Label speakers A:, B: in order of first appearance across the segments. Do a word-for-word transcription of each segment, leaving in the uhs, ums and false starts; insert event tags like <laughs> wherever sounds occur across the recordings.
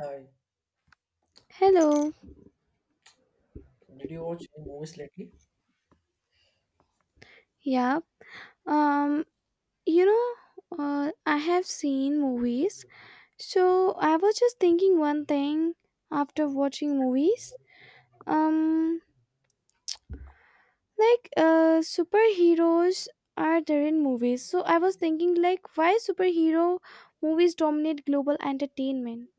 A: Hi,
B: Hello.
A: did you watch any movies lately?
B: Yep. Um, you know, uh, I have seen movies. So I was just thinking one thing after watching movies. Um, like uh, superheroes are there in movies. So I was thinking like why superhero movies dominate global entertainment.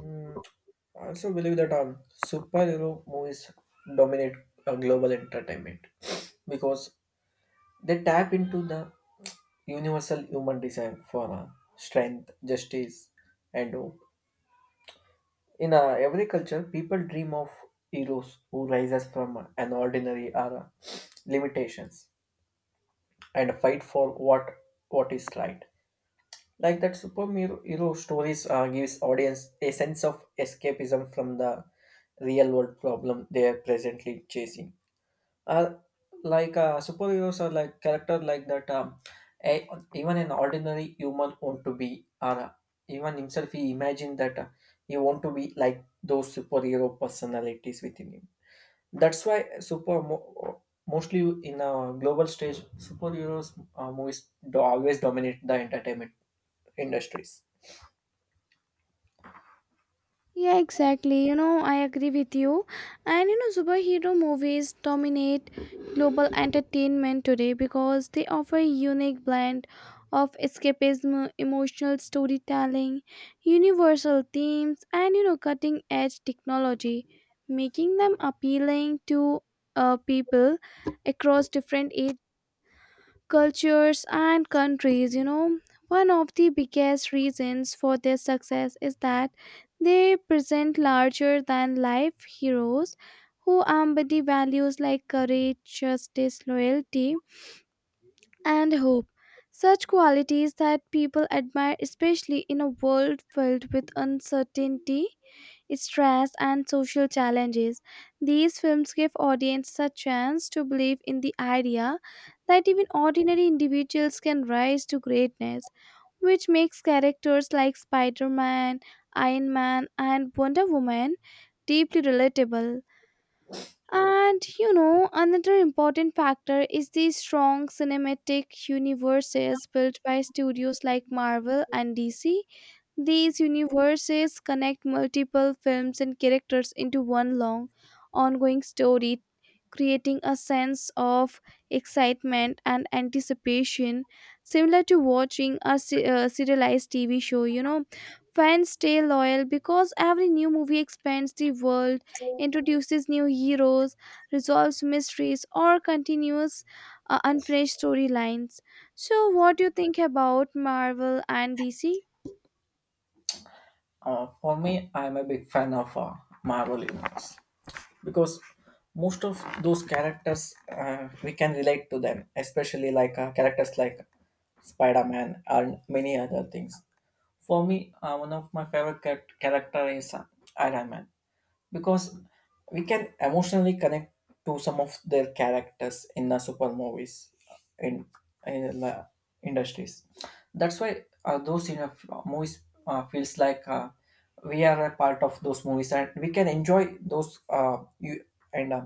A: Mm, I also believe that um, superhero movies dominate uh, global entertainment because they tap into the universal human desire for uh, strength, justice, and hope. In uh, every culture, people dream of heroes who rises from uh, an ordinary era limitations and fight for what what is right. Like that superhero stories uh, gives audience a sense of escapism from the real world problem they are presently chasing. Uh, like uh, Superheroes are like character like that. Um, a, Even an ordinary human want to be, or uh, even himself he imagined that uh, he want to be like those superhero personalities within him. That's why super mo- mostly in a global stage, superheroes uh, movies do always dominate the entertainment industries.
B: Yeah, exactly. You know, I agree with you. And you know, superhero movies dominate global entertainment today because they offer a unique blend of escapism, emotional storytelling, universal themes, and you know, cutting edge technology, making them appealing to uh, people across different age, cultures, and countries you know One of the biggest reasons for their success is that they present larger than life heroes who embody values like courage, justice, loyalty, and hope, such qualities that people admire, especially in a world filled with uncertainty, stress, and social challenges. These films give audiences a chance to believe in the idea that even ordinary individuals can rise to greatness, which makes characters like Spider Man, Iron Man, and Wonder Woman deeply relatable. And you know, another important factor is the strong cinematic universes built by studios like Marvel and D C. These universes connect multiple films and characters into one long, ongoing story, creating a sense of excitement and anticipation, similar to watching a se- uh, serialized T V show. You know, fans stay loyal because every new movie expands the world, introduces new heroes, resolves mysteries, or continues uh, unfinished storylines. So, what do you think about Marvel and D C?
A: Uh, for me, I'm a big fan of uh, Marvel Universe because most of those characters uh, we can relate to them, especially like uh, characters like Spider Man and many other things. For me, uh, one of my favorite charac- character is uh, Iron Man because we can emotionally connect to some of their characters in the super movies in in the industries. That's why uh, those you know, movies uh, feels like uh, we are a part of those movies and we can enjoy those uh, you and uh,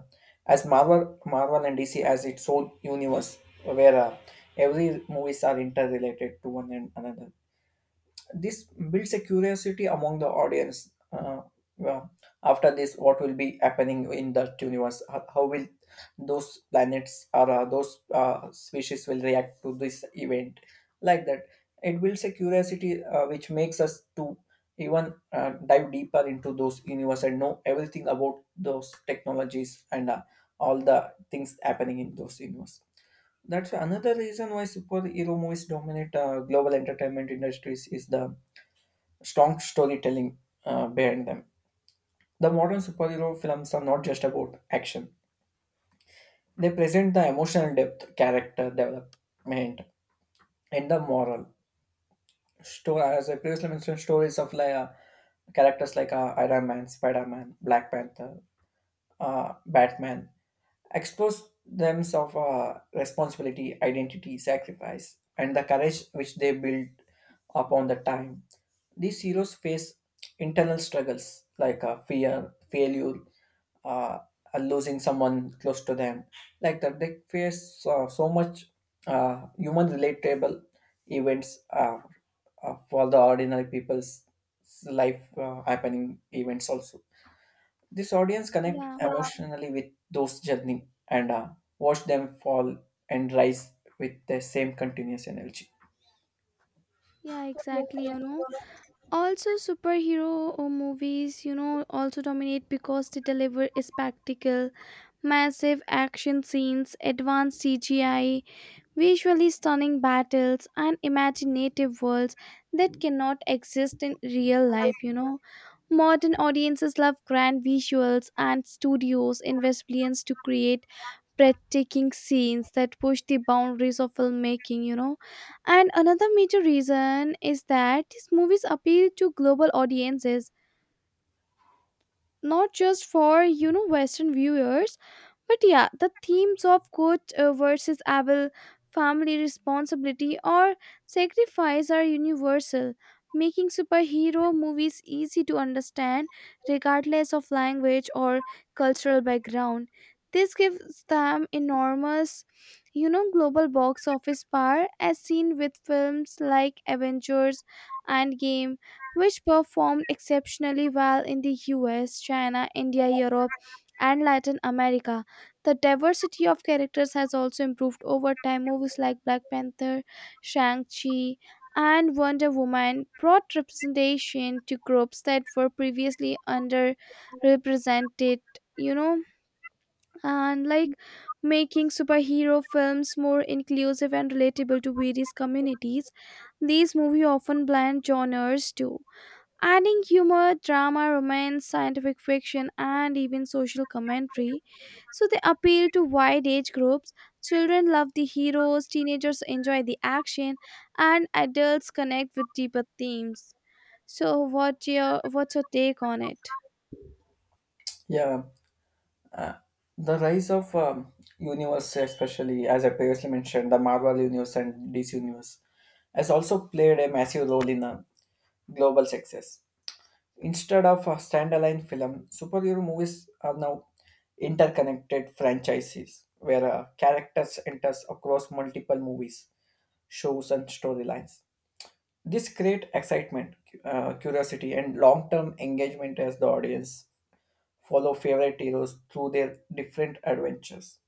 A: as marvel marvel and dc as its own universe where uh, every movies are interrelated to one and another. This builds a curiosity among the audience. Uh, well, after this, what will be happening in that universe? How, how will those planets or uh, those uh, species will react to this event? Like that, it builds a curiosity uh, which makes us to even uh, dive deeper into those universe and know everything about those technologies and uh, all the things happening in those universe. That's another reason why superhero movies dominate uh, global entertainment industries is the strong storytelling uh, behind them. The modern superhero films are not just about action, they present the emotional depth, character development, and the moral story, as I previously mentioned. Stories of like, uh, characters like uh, Iron Man, Spider Man, Black Panther, uh, Batman expose themselves of uh, responsibility, identity, sacrifice, and the courage which they build upon the time. These heroes face internal struggles like uh, fear, failure, uh, uh, losing someone close to them. Like that, they face uh, so much uh, human relatable events uh, uh, for the ordinary people's life uh, happening events also. This audience connect
B: Yeah.
A: emotionally with those journey and uh, watch them fall and rise with the same continuous energy.
B: Yeah, exactly, you know. Also, superhero uh, movies, you know, also dominate because they deliver a spectacle, massive action scenes, advanced C G I, visually stunning battles, and imaginative worlds that cannot exist in real life, you know. Modern audiences love grand visuals, and studios invest billions to create breathtaking scenes that push the boundaries of filmmaking, you know. And another major reason is that these movies appeal to global audiences, not just for you know western viewers, but yeah, the themes of good uh, versus evil, family, responsibility, or sacrifice are universal, making superhero movies easy to understand regardless of language or cultural background. This gives them enormous you know global box office power, as seen with films like Avengers Endgame, which performed exceptionally well in the U S, China, India, Europe, and Latin America. The diversity of characters has also improved over time. Movies like Black Panther, Shang-Chi, and Wonder Woman brought representation to groups that were previously underrepresented, you know, and like making superhero films more inclusive and relatable to various communities. These movies often blend genres too, adding humor, drama, romance, scientific fiction, and even social commentary, so they appeal to wide age groups. Children love the heroes, teenagers enjoy the action, and adults connect with deeper themes. So, what your what's your take on it?
A: Yeah, the rise of um, universe, especially as I previously mentioned, the Marvel universe and D C universe, has also played a massive role in uh, global success. Instead of a standalone film, superhero movies are now interconnected franchises where uh, characters enters across multiple movies, shows and storylines. This create excitement, cu- uh, curiosity, and long-term engagement as the audience follow favorite heroes through their different adventures.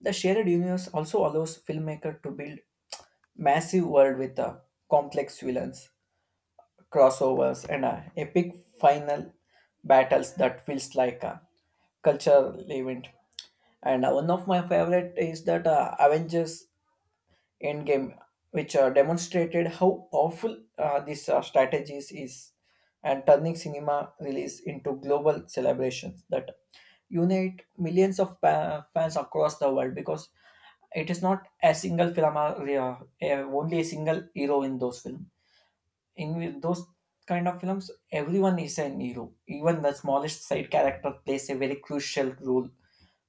A: The shared universe also allows filmmaker to build massive world with uh, complex villains, crossovers, and uh, epic final battles that feels like a cultural event. And uh, one of my favorite is that uh, Avengers Endgame, which uh, demonstrated how powerful uh, this uh, strategies is and turning cinema release into global celebrations that unite millions of pa- fans across the world because it is not a single film or uh, uh, only a single hero in those films. In those kind of films, everyone is an hero. Even the smallest side character plays a very crucial role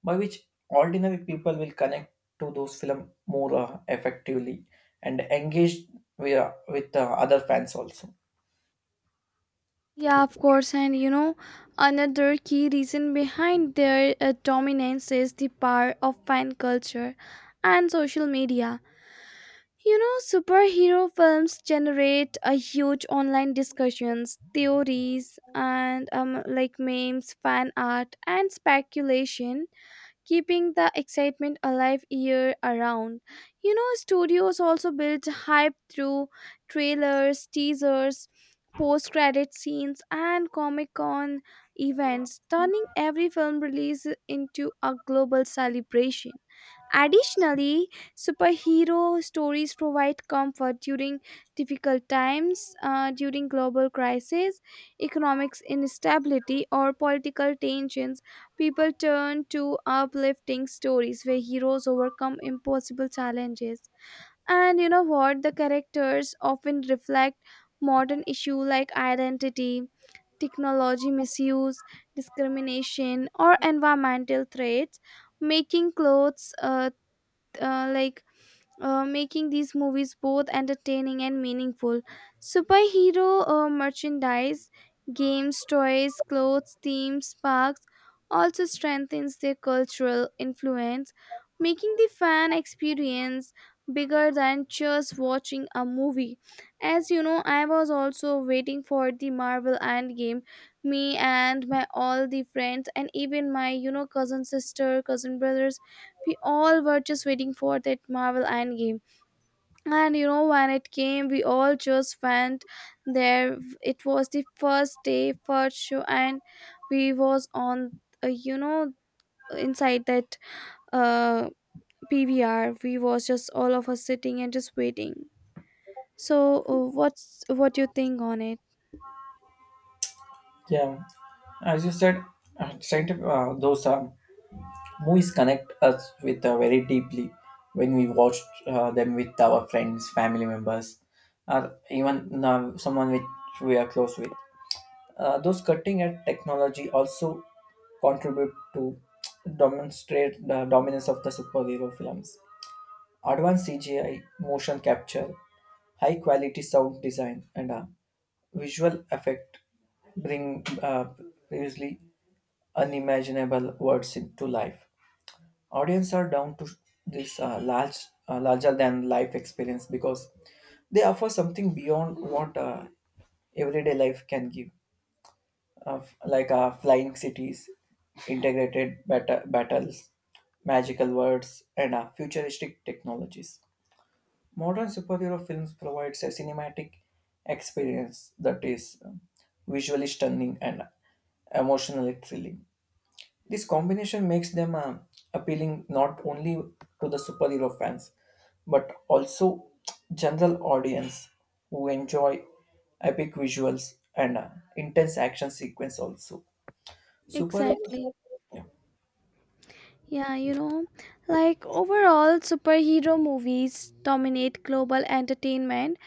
A: by which ordinary people will connect to those film more uh, effectively and engage with, uh, with uh, other fans also.
B: Yeah, of course, and you know, another key reason behind their uh, dominance is the power of fan culture and social media. You know, superhero films generate a huge online discussions, theories, and um, like memes, fan art, and speculation, keeping the excitement alive year around. You know, studios also build hype through trailers, teasers, post-credit scenes, and Comic-Con events, turning every film release into a global celebration. Additionally, superhero stories provide comfort during difficult times, uh, during global crisis, economic instability, or political tensions. People turn to uplifting stories where heroes overcome impossible challenges. And you know what? The characters often reflect modern issues like identity, technology misuse, discrimination, or environmental threats, making clothes uh, uh, like uh, making these movies both entertaining and meaningful. Superhero uh, merchandise, games, toys, clothes, themes, parks also strengthens their cultural influence, making the fan experience bigger than just watching a movie. As you know, I was also waiting for the Marvel Endgame. Me and my all the friends and even my you know cousin sister, cousin brothers, we all were just waiting for that Marvel Endgame. And you know, when it came, we all just went there. It was the first day, first show, and we was on, uh, you know, inside that uh P V R. We was just all of us sitting and just waiting. So, uh, what's what you think on it?
A: Yeah, as you said, uh, scientific, uh, those um, movies connect us with uh, very deeply when we watch uh, them with our friends, family members or even uh, someone which we are close with. Uh, those cutting edge technology also contribute to demonstrate the dominance of the superhero films. Advanced C G I, motion capture, high quality sound design, and a visual effect bring uh, previously unimaginable words into life. Audience are down to this uh, large, uh, larger than life experience because they offer something beyond what uh, everyday life can give, uh, f- like uh, flying cities, integrated bat- battles, magical words, and uh, futuristic technologies. Modern superhero films provides a cinematic experience that is um, visually stunning and emotionally thrilling. This combination makes them um, appealing not only to the superhero fans but also general audience who enjoy epic visuals and uh, intense action sequence also. Superheroes,
B: Exactly.
A: yeah.
B: Yeah, you know, like overall, superhero movies dominate global entertainment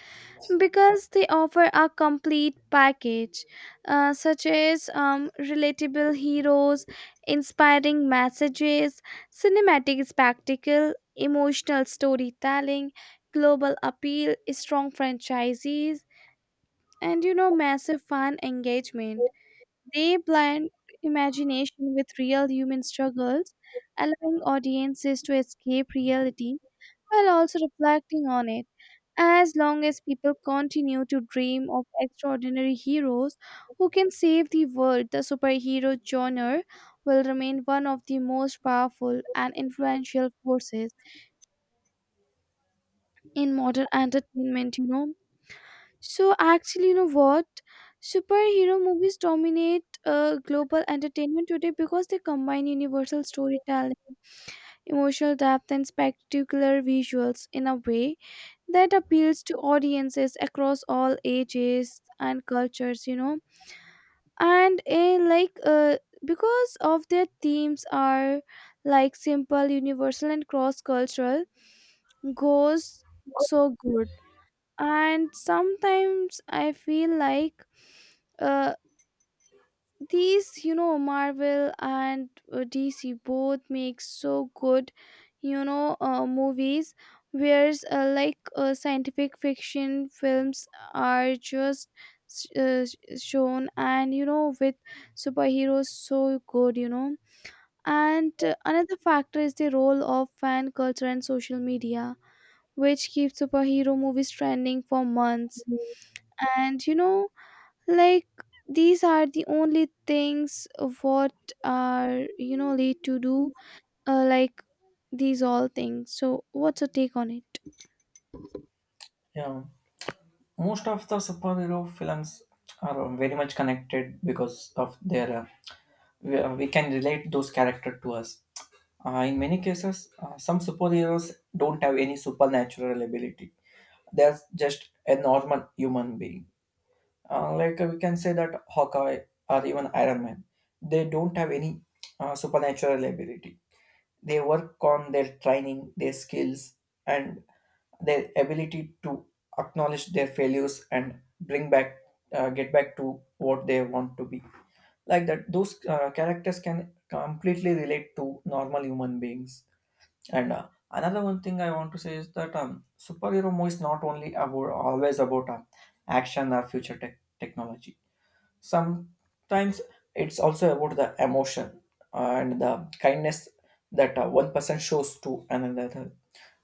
B: because they offer a complete package, uh, such as um, relatable heroes, inspiring messages, cinematic spectacle, emotional storytelling, global appeal, strong franchises, and you know massive fan engagement. They blend imagination with real human struggles, allowing audiences to escape reality while also reflecting on it. As long as people continue to dream of extraordinary heroes who can save the world, the superhero genre will remain one of the most powerful and influential forces in modern entertainment, you know. So, actually, you know what? Superhero movies dominate uh, global entertainment today because they combine universal storytelling, emotional depth, and spectacular visuals in a way that appeals to audiences across all ages and cultures you know and in like uh, because of their themes are like simple, universal, and cross cultural, goes so good. And sometimes I feel like uh, these you know Marvel and uh, DC both make so good, you know uh, movies, whereas uh, like uh, scientific fiction films are just uh, shown, and you know with superheroes so good you know And uh, another factor is the role of fan culture and social media, which keeps superhero movies trending for months. And you know like these are the only things what are you know late to do, uh, like these all things. So what's your take on it?
A: Yeah. Most of the superhero films are very much connected because of their uh, we, uh, we can relate those characters to us. Uh, in many cases, uh, some superheroes don't have any supernatural ability. They're just a normal human being. Uh, like uh, we can say that Hawkeye or even Iron Man, they don't have any uh, supernatural ability. They work on their training, their skills, and their ability to acknowledge their failures and bring back, uh, get back to what they want to be. Like that, those uh, characters can completely relate to normal human beings. And uh, another one thing I want to say is that um, superhero movie is not only about always about um, action or future tech technology. Sometimes it's also about the emotion and the kindness that uh, one person shows to another,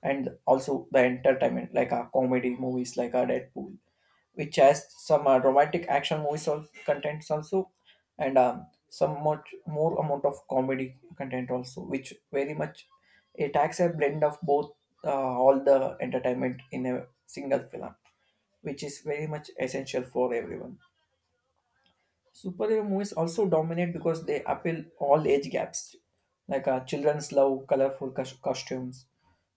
A: and also the entertainment like a comedy movies like a Deadpool, which has some uh, romantic action movies also contents also, and um, some much more amount of comedy content also, which very much it acts a blend of both, uh, all the entertainment in a single film, which is very much essential for everyone. Superhero movies also dominate because they appeal all age gaps. Like uh, children's love colorful cos- costumes,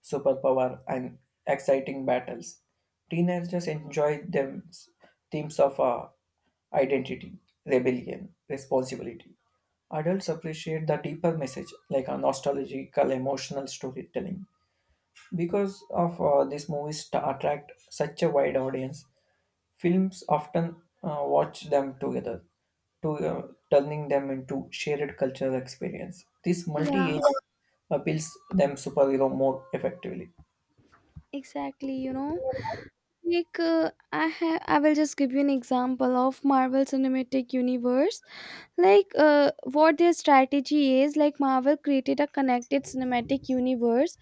A: superpower, and exciting battles. Teenagers enjoy them s- themes of uh, identity, rebellion, responsibility. Adults appreciate the deeper message, like a nostalgical, emotional storytelling. Because of uh, these movies to attract such a wide audience, films often uh, watch them together, to, uh, turning them into shared cultural experience. This
B: Yeah,
A: multi-age appeals them superhero more effectively.
B: exactly you know Like, uh, i ha- i will just give you an example of Marvel Cinematic Universe. Like, uh, what their strategy is: like Marvel created a connected cinematic universe,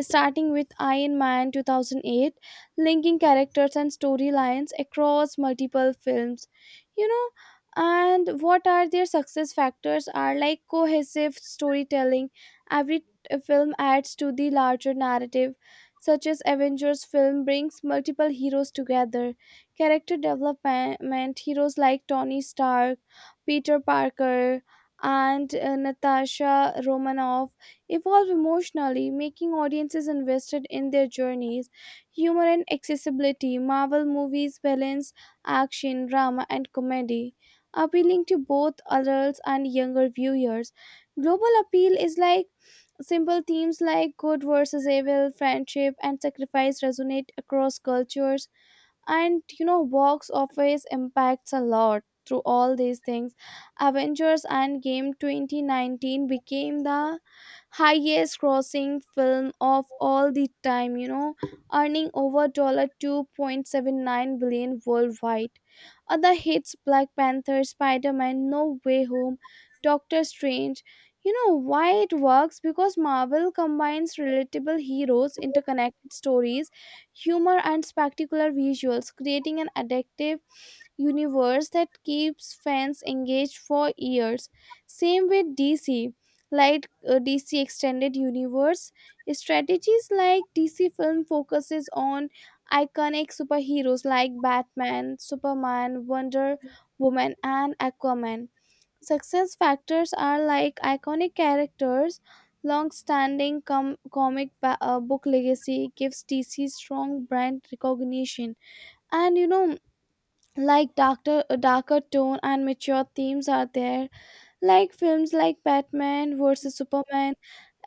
B: starting with Iron Man two thousand eight, linking characters and storylines across multiple films. You know and what are their success factors are like cohesive storytelling. Every uh, film adds to the larger narrative, such as Avengers film brings multiple heroes together. Character development: heroes like Tony Stark, Peter Parker, and uh, Natasha Romanoff evolve emotionally, making audiences invested in their journeys. Humor and accessibility: Marvel movies balance action, drama, and comedy, appealing to both adults and younger viewers. Global appeal is like simple themes like good versus evil, friendship, and sacrifice resonate across cultures. And you know box office impacts a lot through all these things. Avengers Endgame twenty nineteen became the highest grossing film of all the time you know earning over two point seven nine billion dollars worldwide. Other hits: Black Panther, Spider-Man No Way Home, Doctor Strange. You know why it works: because Marvel combines relatable heroes, interconnected stories, humor, and spectacular visuals, creating an addictive universe that keeps fans engaged for years. Same with D C. Like, uh, D C Extended Universe. Strategies: like D C film focuses on iconic superheroes like Batman, Superman, Wonder Woman, and Aquaman. Success factors are like iconic characters, long standing com- comic ba- uh, book legacy gives D C strong brand recognition. And you know, like darker, uh, darker tone and mature themes are there, like films like Batman versus. Superman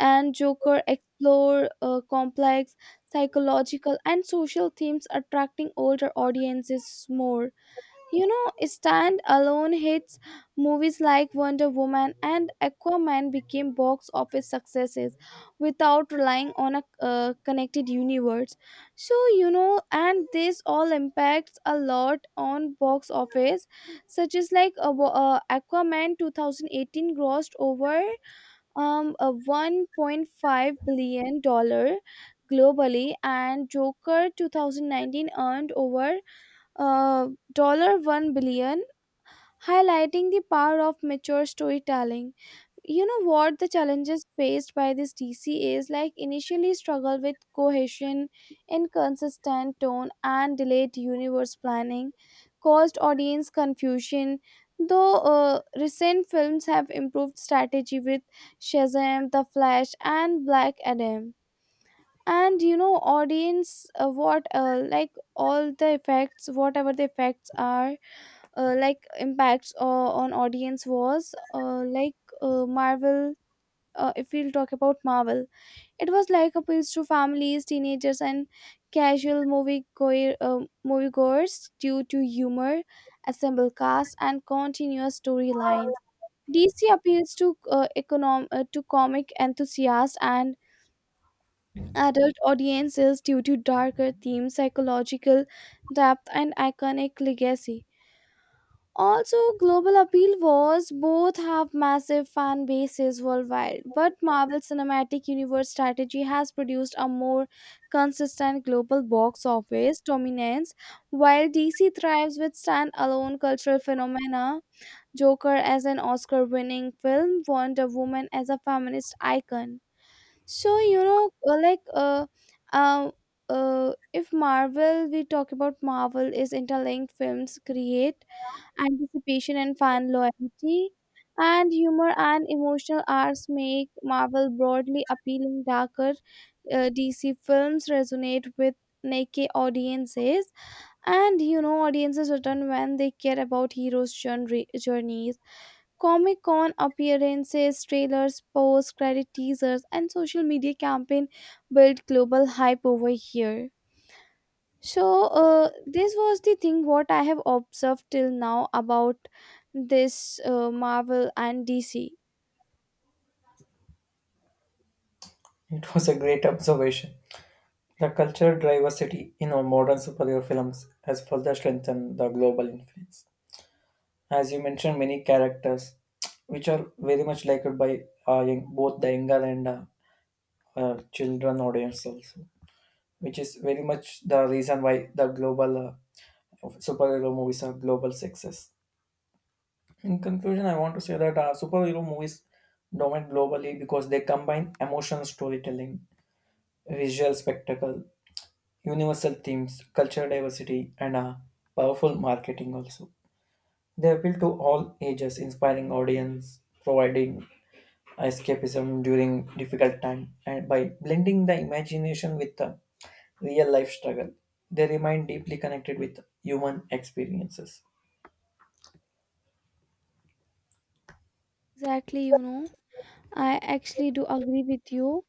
B: and Joker explore uh, complex psychological and social themes, attracting older audiences more. You know, stand alone hits: movies like Wonder Woman and Aquaman became box office successes without relying on a uh, connected universe. So, you know, and this all impacts a lot on box office, such as like uh, wa- uh, Aquaman twenty eighteen grossed over um, a one point five billion dollars globally, and Joker two thousand nineteen earned over uh, one billion dollars, highlighting the power of mature storytelling. you know what the challenges faced by this DC is: like initially struggle with cohesion, inconsistent tone, and delayed universe planning caused audience confusion, though uh, recent films have improved strategy with Shazam, The Flash, and Black Adam. And you know audience, uh, what, uh, like all the effects, whatever the effects are, uh, like impacts uh, on audience was, uh, like, uh, Marvel, uh, if we'll talk about Marvel, it was like appeals to families, teenagers, and casual movie goer, um moviegoers due to humor, assemble cast, and continuous storyline. DC appeals to uh, econom- uh, to comic enthusiasts and adult audiences due to darker themes, psychological depth, and iconic legacy. Also, global appeal was both have massive fan bases worldwide, but Marvel Cinematic Universe strategy has produced a more consistent global box office dominance, while D C thrives with standalone cultural phenomena. Joker as an Oscar winning film, Wonder Woman as a feminist icon. So you know, uh, like, uh, um, uh, if Marvel, we talk about Marvel, is interlinked films create anticipation and fan loyalty, and humor and emotional arcs make Marvel broadly appealing. Darker, uh, D C films resonate with naked audiences, and you know, audiences return when they care about heroes' journey journeys. Comic Con appearances, trailers, posts, credit teasers, and social media campaign built global hype over here. So uh, this was the thing what I have observed till now about this uh, Marvel and D C.
A: <laughs> It was a great observation. The cultural diversity in our modern superhero films has further strengthened the global influence. As you mentioned, many characters, which are very much liked by uh, young, both the younger and uh, uh, children audience also, which is very much the reason why the global uh, of superhero movies are global success. In conclusion, I want to say that uh, superhero movies dominate globally because they combine emotional storytelling, visual spectacle, universal themes, cultural diversity, and uh, powerful marketing also. They appeal to all ages, inspiring audience, providing escapism during difficult time, and by blending the imagination with the real life struggle, they remain deeply connected with human experiences.
B: Exactly, you know, I actually do agree with you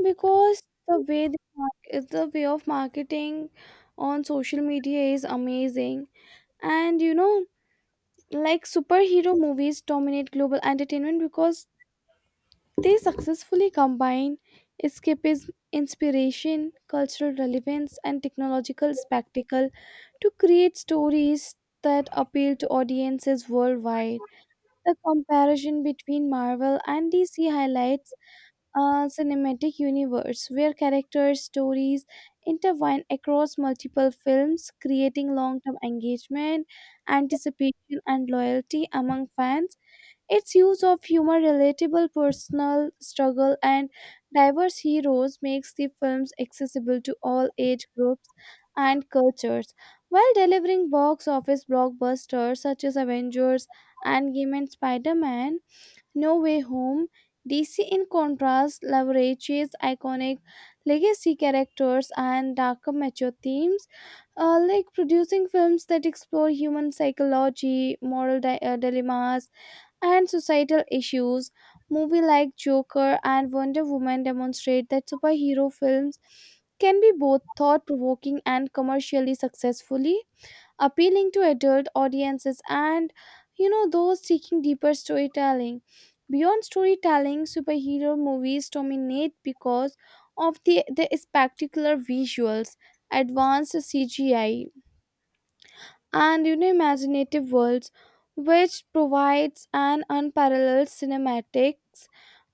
B: because the way the market, the way of marketing on social media is amazing. And you know, like superhero movies dominate global entertainment because they successfully combine escapism, inspiration, cultural relevance, and technological spectacle to create stories that appeal to audiences worldwide. The comparison between Marvel and D C highlights a cinematic universe where characters' stories intertwine across multiple films, creating long term engagement, anticipation, and loyalty among fans. Its use of humor, relatable personal struggle, and diverse heroes makes the films accessible to all age groups and cultures, while delivering box office blockbusters such as Avengers, Endgame, and Spider Man No Way Home. D C, in contrast, leverages iconic legacy characters and darker mature themes, uh, like producing films that explore human psychology, moral di- uh, dilemmas, and societal issues. Movies like Joker and Wonder Woman demonstrate that superhero films can be both thought provoking and commercially successfully appealing to adult audiences, and you know those seeking deeper storytelling. Beyond storytelling, superhero movies dominate because of the, the spectacular visuals, advanced C G I, and you know, imaginative worlds, which provides an unparalleled cinematics,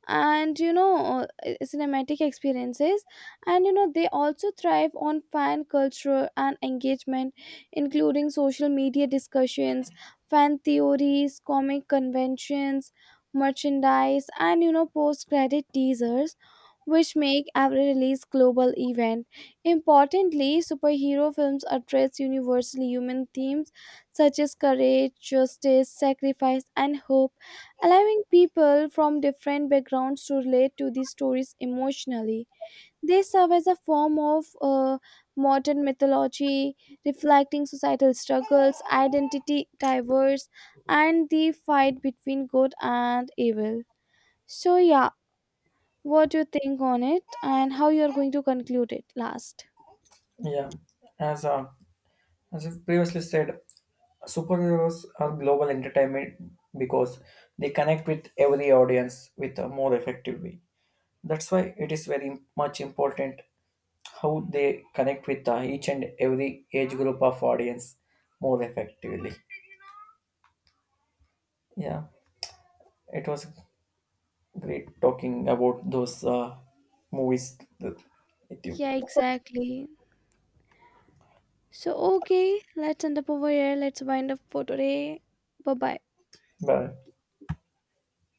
B: and you know uh, cinematic experiences. And you know they also thrive on fan culture and engagement, including social media discussions, fan theories, comic conventions, merchandise, and you know post credit teasers, which make every release global event. Importantly, superhero films address universally human themes such as courage, justice, sacrifice, and hope, allowing people from different backgrounds to relate to these stories emotionally. They serve as a form of uh, modern mythology, reflecting societal struggles, identity diverse, and the fight between good and evil. So yeah, what you think on it and how you are going to conclude it last?
A: Yeah, as a as I previously said, superheroes are global entertainment because they connect with every audience with a more effective way. That's why it is very much important how they connect with uh, each and every age group of audience more effectively. Yeah, it was great talking about those uh, movies with you.
B: Yeah, exactly. So okay, let's end up over here. Let's wind up for today. Bye bye.
A: Bye.